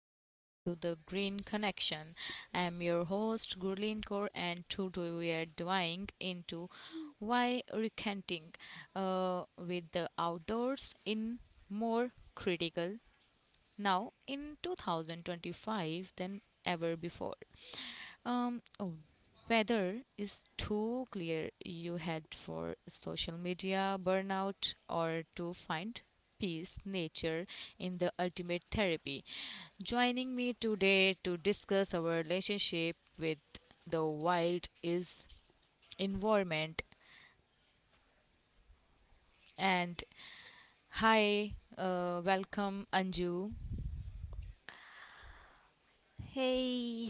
welcome back to the Green Connection. I'm your host, Gurleen Kaur, and today we are diving into why recanting with the outdoors in more critical now in 2025 than ever before. Um, oh, weather is too clear you head for social media burnout or to find peace nature in the ultimate therapy joining me today to discuss our relationship with the wild is environment and hi, welcome, Anju. Hey,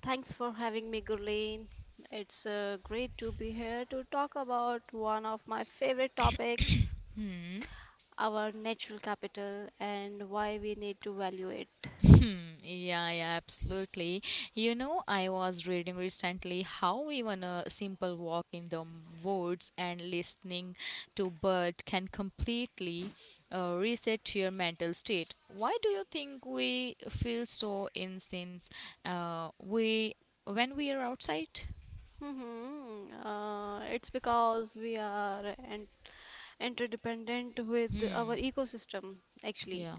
thanks for having me, Gurleen. It's great to be here to talk about one of my favorite topics, our natural capital and why we need to value it. Yeah, yeah, absolutely. You know, I was reading recently how even a simple walk in the woods and listening to bird can completely reset your mental state. Why do you think we feel so insane we when we are outside? It's because we are an interdependent with our Hmm. ecosystem, actually, Yeah.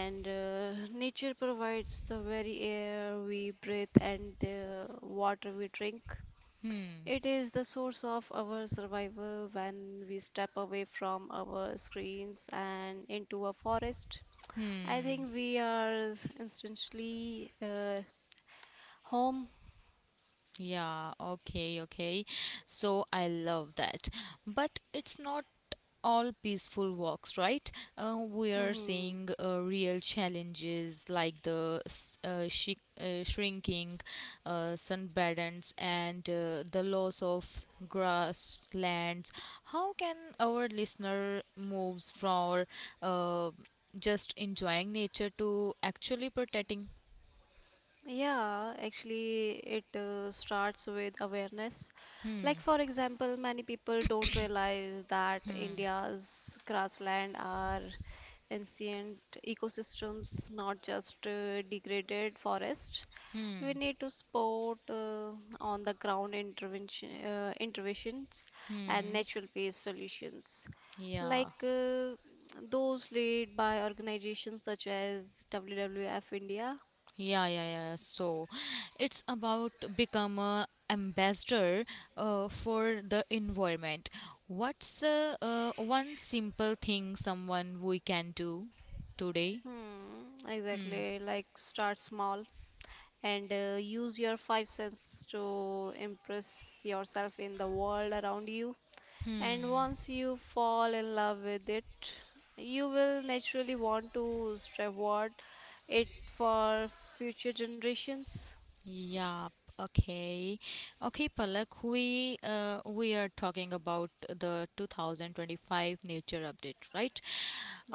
and nature provides the very air we breathe and the water we drink. Hmm. It is the source of our survival when we step away from our screens and into a forest. I Hmm. think we are instantly home. Yeah, okay, okay. So I love that. But it's not all peaceful walks, right? We are Mhm. seeing real challenges like the s- shi shrinking sunbeds and the loss of grasslands. How can our listener moves from uh, just enjoying nature to actually protecting? Yeah, actually, it starts with awareness. Like, Hmm. for example, many people don't realize that India's grassland are ancient ecosystems, not just degraded forests. We Hmm. need to support on the ground interventions and Hmm. natural based solutions, Yeah. like those led by organizations such as WWF India. Yeah, yeah, yeah. So it's about become a ambassador for the environment. What's one simple thing someone we can do today? Hmm, Hmm. exactly, like start small and use your 5 cents to impress yourself in the world around you. And Hmm. once you fall in love with it, you will naturally want to reward it for future generations. Yeah, okay. Okay, Palak, we are talking about the 2025 nature update, right?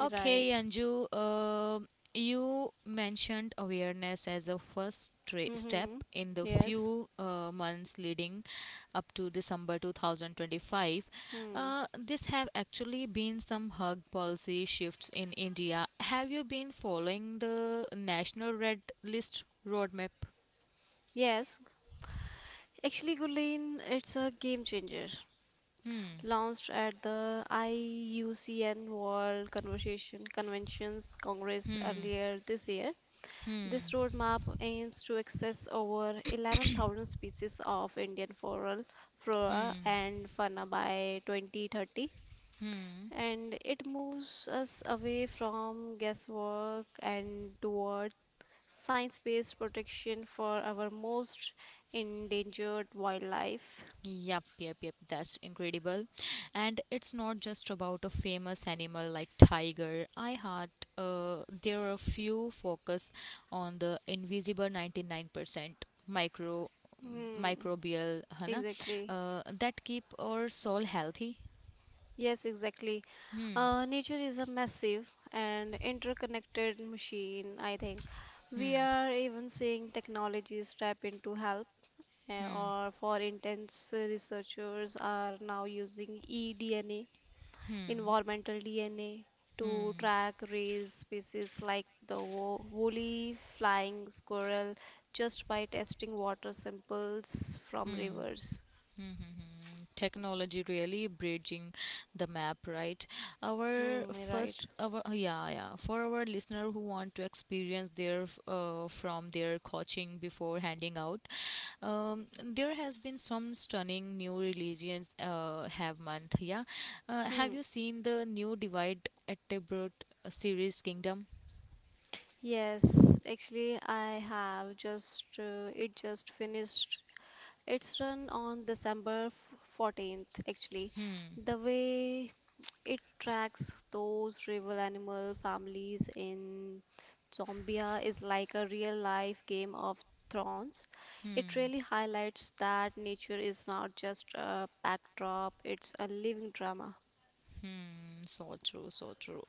Okay, Anju, you mentioned awareness as a first step Mm-hmm. in the Yes. few months leading up to December 2025. Hmm. This have actually been some hug policy shifts in India. Have you been following the national red list roadmap? Yes, actually, Gulen, it's a game changer. Hmm. Launched at the IUCN World Conversation Conventions Congress Hmm. earlier this year, Hmm. this roadmap aims to access over 11,000 species of Indian flora Hmm. and fauna by 2030, Hmm. and it moves us away from guesswork and toward science-based protection for our most endangered wildlife. Yep, yep, yep. That's incredible. And it's not just about a famous animal like tiger. I had, there are a few focus on the invisible 99% micro Hmm, microbial, है ना, exactly. That keep our soul healthy. Yes, exactly. Hmm. Nature is a massive and interconnected machine, I think. We Hmm. are even seeing technologies step in to help, Hmm. or for intense researchers are now using eDNA, Hmm. environmental DNA, to Hmm. track raised species like the woolly flying squirrel just by testing water samples from rivers. Technology really bridging the map right our Hmm, right. first our yeah, yeah, for our listener who want to experience their from their coaching before handing out, there has been some stunning new religions have month, yeah, have Hmm. you seen the new divide at series kingdom? Yes, actually, I have just it just finished its run on December 14th. Actually, Hmm. the way it tracks those rival animal families in Zombia is like a real life Game of Thrones. It Hmm. really highlights that nature is not just a backdrop, it's a living drama. Hmm. So true, so true.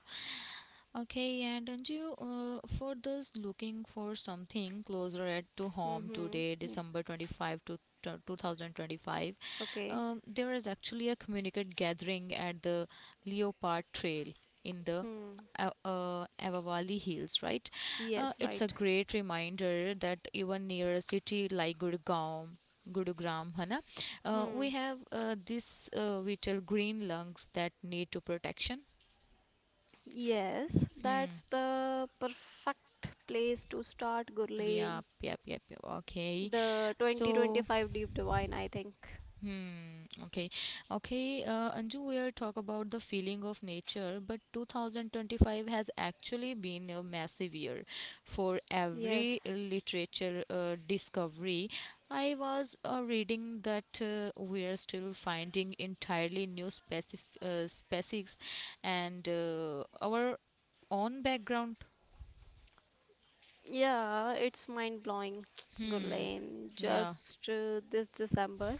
Okay, and Anju, for those looking for something closer at to home Mm-hmm. today, Yeah. December 25 to 2025, Okay. There is actually a communicate gathering at the Leopard Trail in the Hmm. Avavali Hills, right? Yes, It's a right. great reminder that even near a city like Gurgaon, Gurugram, है ना, we Hmm. have this vital green lungs that need to protection. Yes, Hmm. that's the perfect place to start, Gurleen. Yep, yep, yep, yep. Okay. The So, 2025 Deep Divine, I think. hmm, okay. Okay, Anju, we'll talk about the feeling of nature, but 2025 has actually been a massive year for every Yes. literature discovery. I was reading that we are still finding entirely new species and our own background. Yeah, it's mind-blowing, Hmm, Gurleen. yeah. Just this December,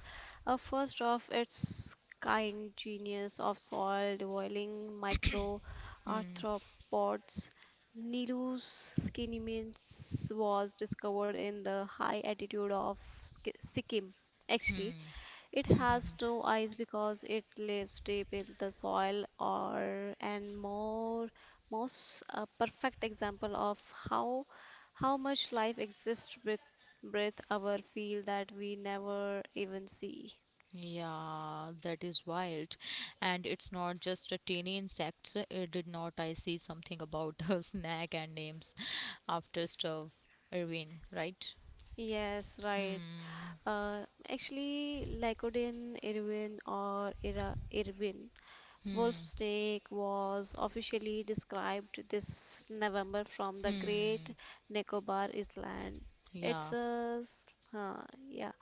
a first of its kind genius of soil boiling micro arthropods. Nilu's skinimins was discovered in the high altitude of Sikkim, actually. It has no eyes because it lives deep in the soil or and more most a perfect example of how how much life exists with breath our feel that we never even see. Yeah, that is wild. And it's not just a tiny insects. Did not I see something about a snack and names after stuff, Irwin, right? Yes, right. Hmm. Uh, Actually, Lycodin, Irwin, or Ira, Irwin Hmm. Wolf's Take was officially described this November from the Great Hmm. Nicobar Island. It's Yeah. a s- uh, yeah,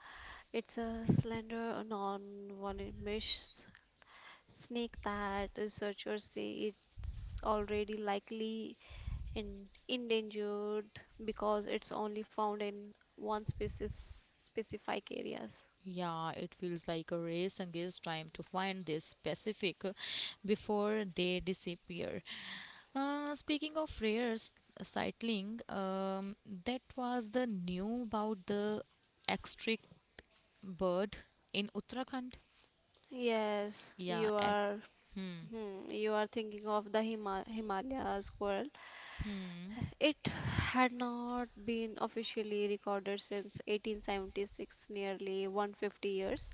it's a slender, non-venomous snake that researchers say it's already likely in, endangered because it's only found in one species specific areas. Yeah, it feels like a race against time to find this specific before they disappear. Speaking of rare sightling, that was the new about the extra bird in Uttarakhand? Yes, Yeah. you are Hmm. You are thinking of the Himalaya squirrel. Hmm. It had not been officially recorded since 1876, nearly 150 years,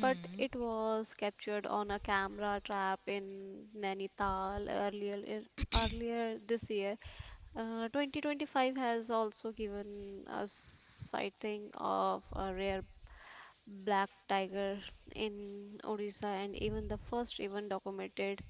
but it was captured on a camera trap in Nainital earlier this year. 2025 has also given us sighting of a rare black tiger in Odisha and even the first even documented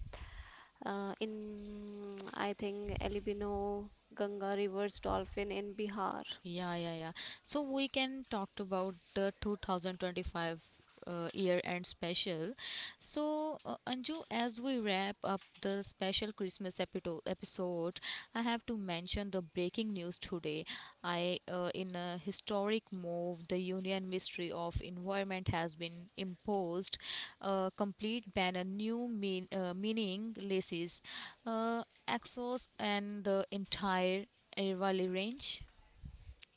in I think Elibino Ganga rivers dolphin in Bihar. Yeah, yeah, yeah. So we can talk about the 2025 year end special. So, Anju, as we wrap up the special Christmas episode, I have to mention the breaking news today. In a historic move, the Union Ministry of Environment has been imposed a complete ban on new meaning laces, uh, Exos, and the entire Ervali range.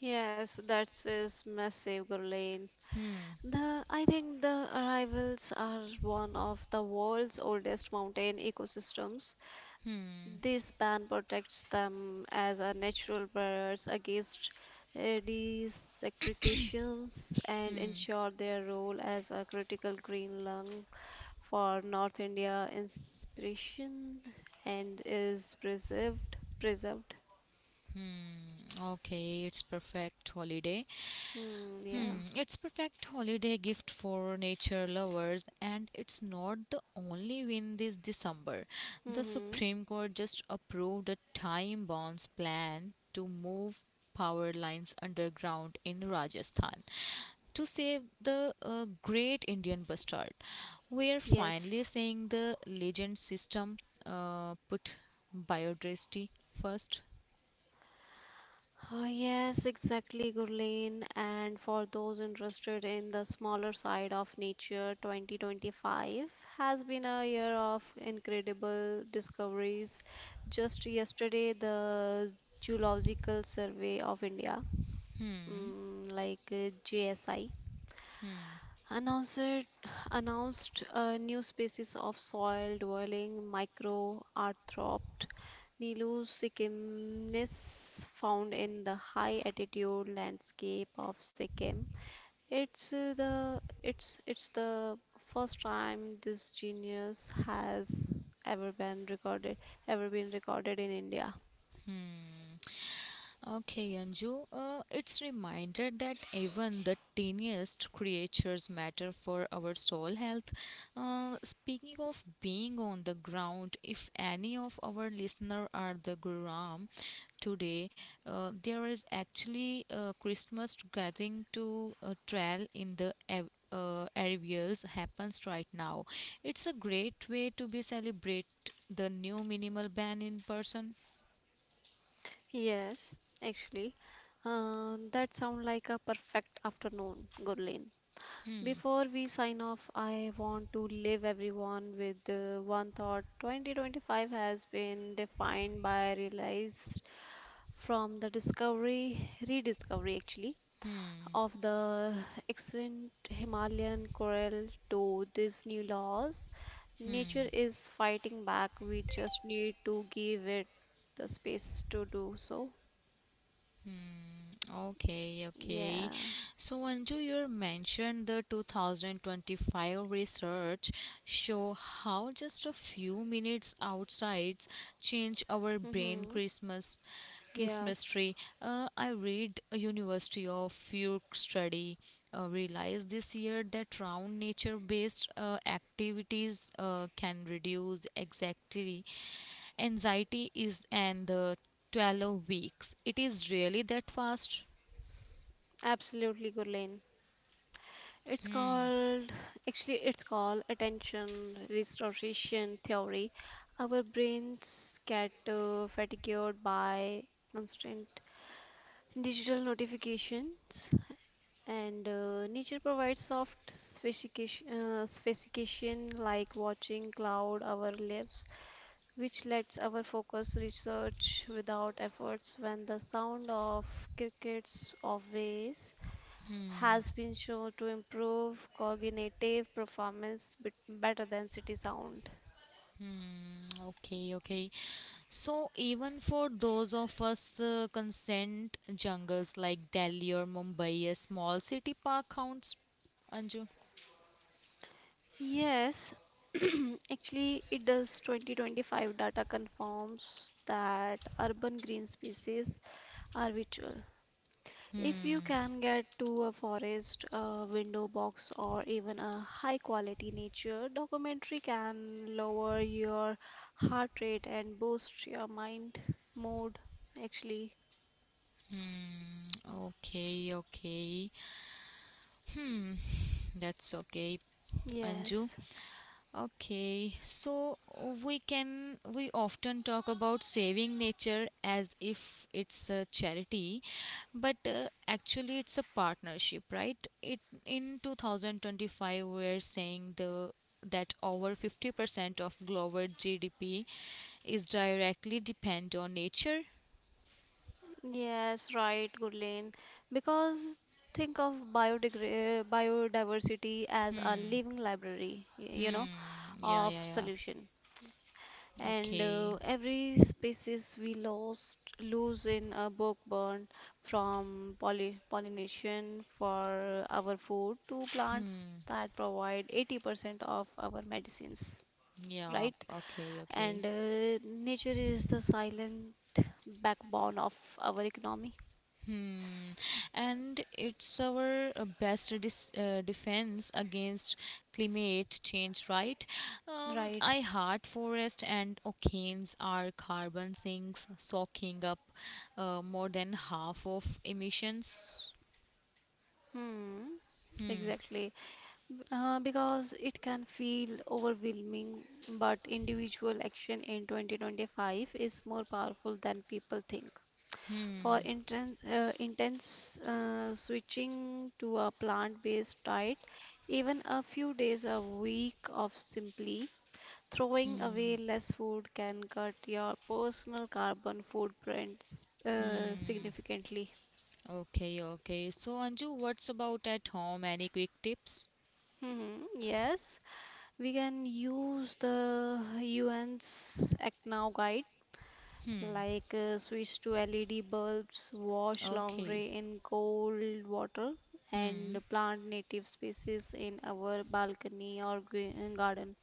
Yes, that is massive, Gurlain. Hmm. The I think the arrivals are one of the world's oldest mountain ecosystems. Hmm. This band protects them as a natural barriers against desecrations and ensure their role as a critical green lung for North India inspiration and is preserved. Okay, it's perfect holiday. Hmm, yeah. Hmm. It's perfect holiday gift for nature lovers, and it's not the only win this December. The Mm-hmm. Supreme Court just approved a time bonds plan to move power lines underground in Rajasthan to save the great Indian bustard. We are finally Yes. seeing the legend system put biodiversity first. Oh, yes, exactly, Gurleen. And for those interested in the smaller side of nature, 2025 has been a year of incredible discoveries. Just yesterday, the Geological Survey of India, Hmm. mm, like JSI, Hmm. announced announced a new species of soil dwelling microarthropt Nilusikimnis found in the high altitude landscape of Sikkim. It's the first time this genus has ever been recorded in India. Mm, okay, Anju, it's reminder that even the tiniest creatures matter for our soul health. Speaking of being on the ground, if any of our listener are the Guram today, there is actually a Christmas gathering to trail in the areas happens right now. It's a great way to be celebrate the new minimal ban in person. Yes, actually, that sounds like a perfect afternoon, Gurleen. Hmm. Before we sign off, I want to leave everyone with one thought. 2025 has been defined by realized from the discovery, rediscovery, actually, of the extinct Himalayan coral to these new laws. Hmm. Nature is fighting back. We just need to give it the space to do so. Okay, okay. Yeah. So, Anju, you mentioned the 2025 research show how just a few minutes outside change our brain Mm-hmm. Christmas Yeah. Christmas tree. I read a University of York study. Realized this year that round nature-based activities can reduce anxiety is and the 12 weeks it is really that fast. Absolutely, Gurleen. It's called, it's called attention restoration theory. Our brains get fatigued by constant digital notifications, and nature provides soft specification like watching cloud our lives, which lets our focus research without efforts when the sound of crickets or waves Hmm, has been shown to improve cognitive performance bit better than city sound. okay, okay. So, even for those of us consent jungles like Delhi or Mumbai, a small city park counts, Anju? Yes, actually, it does. 2025 data confirms that urban green spaces are virtual. If you Hmm, can get to a forest, a window box, or even a high quality nature documentary, can lower your heart rate and boost your mind mood. Actually, okay, okay. That's okay, Anju. yes. Okay, so we often talk about saving nature as if it's a charity, but actually it's a partnership, right? It in 2025 we're saying the that over 50% of global GDP is directly depend on nature. Yes, right, Gurleen. Because think of biodiversity as a living library, you know, Hmm, yeah, of yeah, yeah. solution. And Okay. Every species we lost lose in a book burn from pollination for our food to Hmm, plants that provide 80% of our medicines, yeah, right? okay, And okay. Nature is the silent backbone of our economy, Hmm. And it's our best defense against climate change, right? Right? I heart forest and oceans are carbon sinks, soaking up more than half of emissions. Hmm, exactly. Because it can feel overwhelming, but individual action in 2025 is more powerful than people think. For intense, intense switching to a plant-based diet, even a few days a week of simply throwing Hmm. away less food can cut your personal carbon footprint Hmm. significantly. Okay, okay. So, Anju, what's about at home? Any quick tips? Hmm, yes. We can use the UN's Act Now guide, Hmm. like switch to LED bulbs, wash Okay. laundry in cold water, Hmm. and plant native species in our balcony or green garden.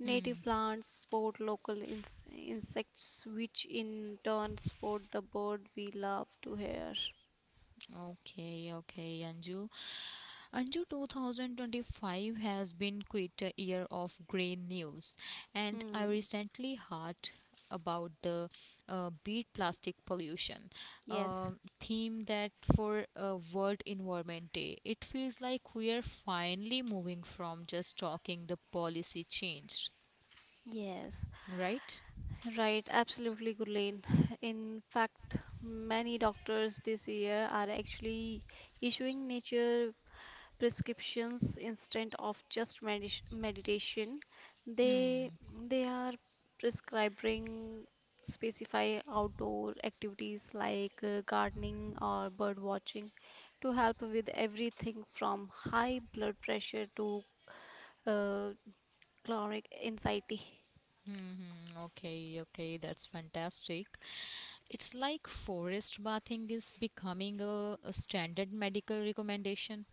Native Hmm. plants support local insects, which in turn support the bird we love to hear. Okay, okay, Anju. Anju, 2025 has been quite a year of grey news, and I Hmm. recently heard about the Beat Plastic Pollution Yes. Theme that for a World Environment Day. It feels like we are finally moving from just talking the policy change, Yes. right? Right, absolutely, Gurleen. In fact, many doctors this year are actually issuing nature prescriptions instead of just medis meditation. They Hmm, they are prescribing specify outdoor activities like gardening or bird watching to help with everything from high blood pressure to uh, chronic anxiety. okay, okay, that's fantastic. It's like forest bathing is becoming a standard medical recommendation.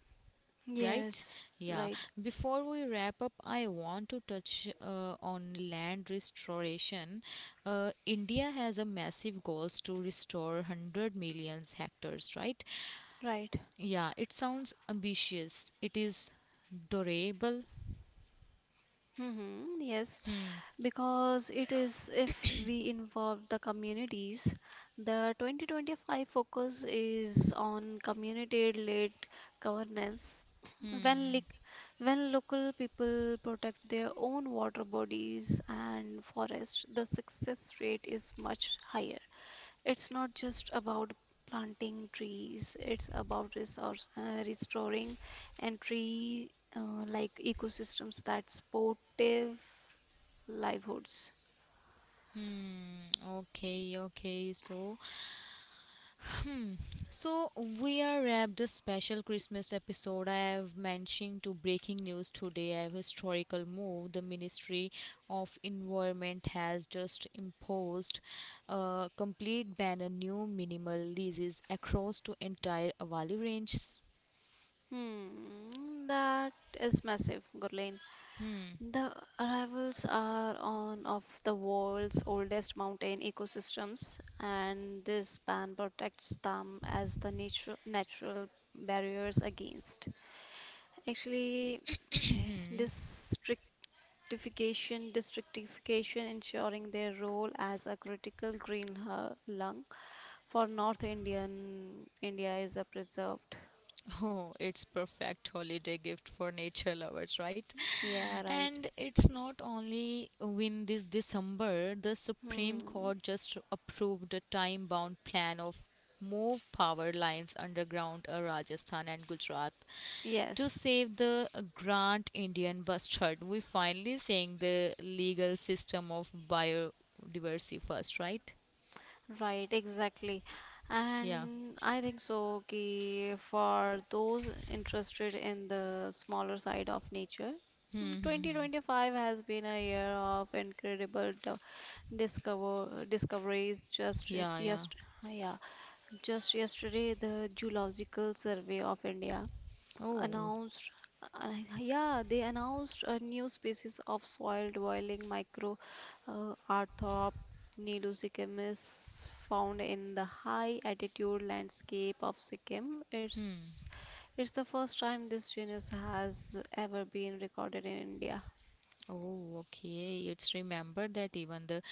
Right? Yes, Yeah. right, Before we wrap up, I want to touch on land restoration. India has a massive goals to restore 100 million hectares, right? right. Yeah, it sounds ambitious. It is durable. Yes, Hmm. because it is if we involve the communities, the 2025 focus is on community-led governance. Hmm. When, lic when local people protect their own water bodies and forests, the success rate is much higher. It's not just about planting trees, it's about restoring and tree like ecosystems that supportive livelihoods. Hmm. Okay. Okay. So, so we are wrapped a special Christmas episode. I have mentioned to breaking news today. I have historical move. The Ministry of Environment has just imposed a complete ban on new minimal leases across to entire Avali ranges. Hmm, that is massive, Gurleen. Hmm. The arrivals are on of the world's oldest mountain ecosystems, and this ban protects them as the natural barriers against. Actually, eh, this Stratification, districtification, ensuring their role as a critical lung for North India is a preserved. Oh, it's perfect holiday gift for nature lovers, right? Yeah, right. And it's not only when this December, the Supreme Hmm. Court just approved a time bound plan of move power lines underground Rajasthan and Gujarat to Yes, save the Grand Indian bustard. We're finally seeing the legal system of biodiversity first, right? right, exactly. Yeah. And I think so ki for those interested in the smaller side of nature, mm, Hmm, hmm, hmm. 2025 has been a year of incredible discoveries just Yeah, yeah. yes yeah. Just yesterday, the Geological Survey of India Oh. announced, uh, yeah, they announced a new species of soil dwelling micro arthrop nilusichemis found in the high altitude landscape of Sikkim. Hmm. It's the first time this genus has ever been recorded in India. Oh, okay. It's remembered that even the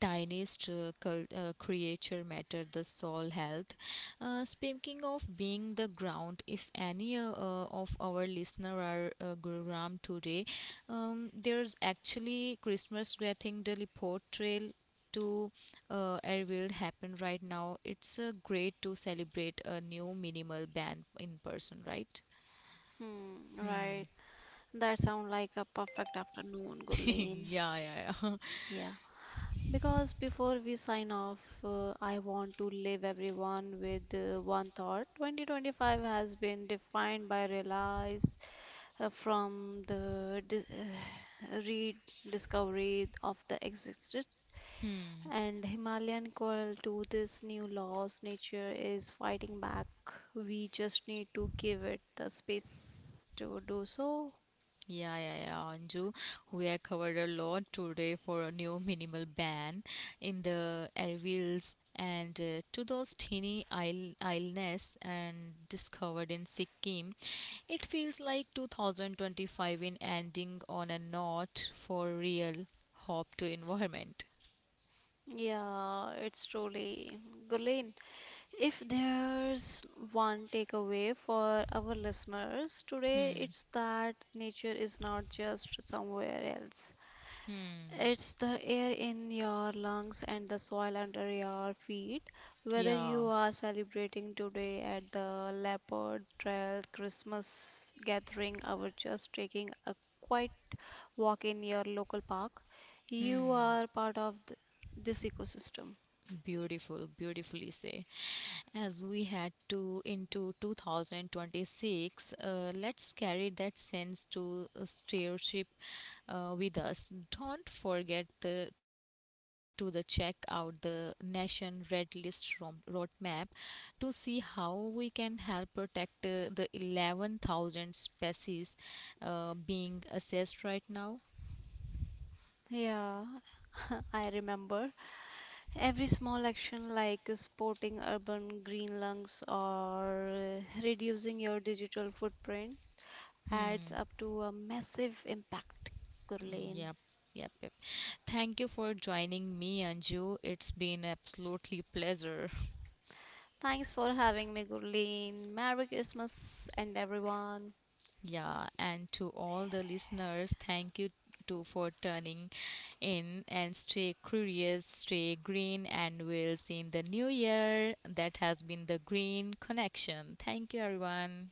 tiniest creature matter the soul health. Speaking of being the ground, if any of our listener are gurugram today, there's actually christmas getting the Report Trail to Airwild happen right now. It's great to celebrate a new minimal band in person, right? Hmm, right. Hmm. That sounds like a perfect afternoon, Gurleen. Yeah, yeah, yeah. Yeah. Because before we sign off, I want to leave everyone with one thought. 2025 has been defined by realize uh, from the di- rediscovery of the existence Hmm. and Himalayan coral to this new laws. Nature is fighting back. We just need to give it the space to do so. Yeah, yeah, yeah, Anju. We have covered a lot today for a new minimal ban in the airwheels and to those teeny isleness and discovered in Sikkim. It feels like 2025 in ending on a note for real hope to environment. Yeah, it's truly Gurleen. If there's one takeaway for our listeners today, Hmm, it's that nature is not just somewhere else. hmm, It's the air in your lungs and the soil under your feet. Whether yeah, you are celebrating today at the Leopard Trail Christmas gathering or just taking a quiet walk in your local park, you hmm. are part of this ecosystem. Beautiful, beautifully say. As we head to into 2026, let's carry that sense to a stewardship with us. Don't forget the, to the check out the Nation Red List roadmap to see how we can help protect the 11,000 species being assessed right now. Yeah, I remember. Every small action like sporting urban green lungs or reducing your digital footprint adds Hmm. up to a massive impact, Gurleen. Yep. Yep, yep. Thank you for joining me, Anju. It's been absolutely pleasure. Thanks for having me, Gurleen. Merry Christmas and everyone. Yeah, and to all the listeners, thank you too for turning in and stay curious, stay green, and we'll see in the new year. That has been the Green Connection. Thank you, everyone.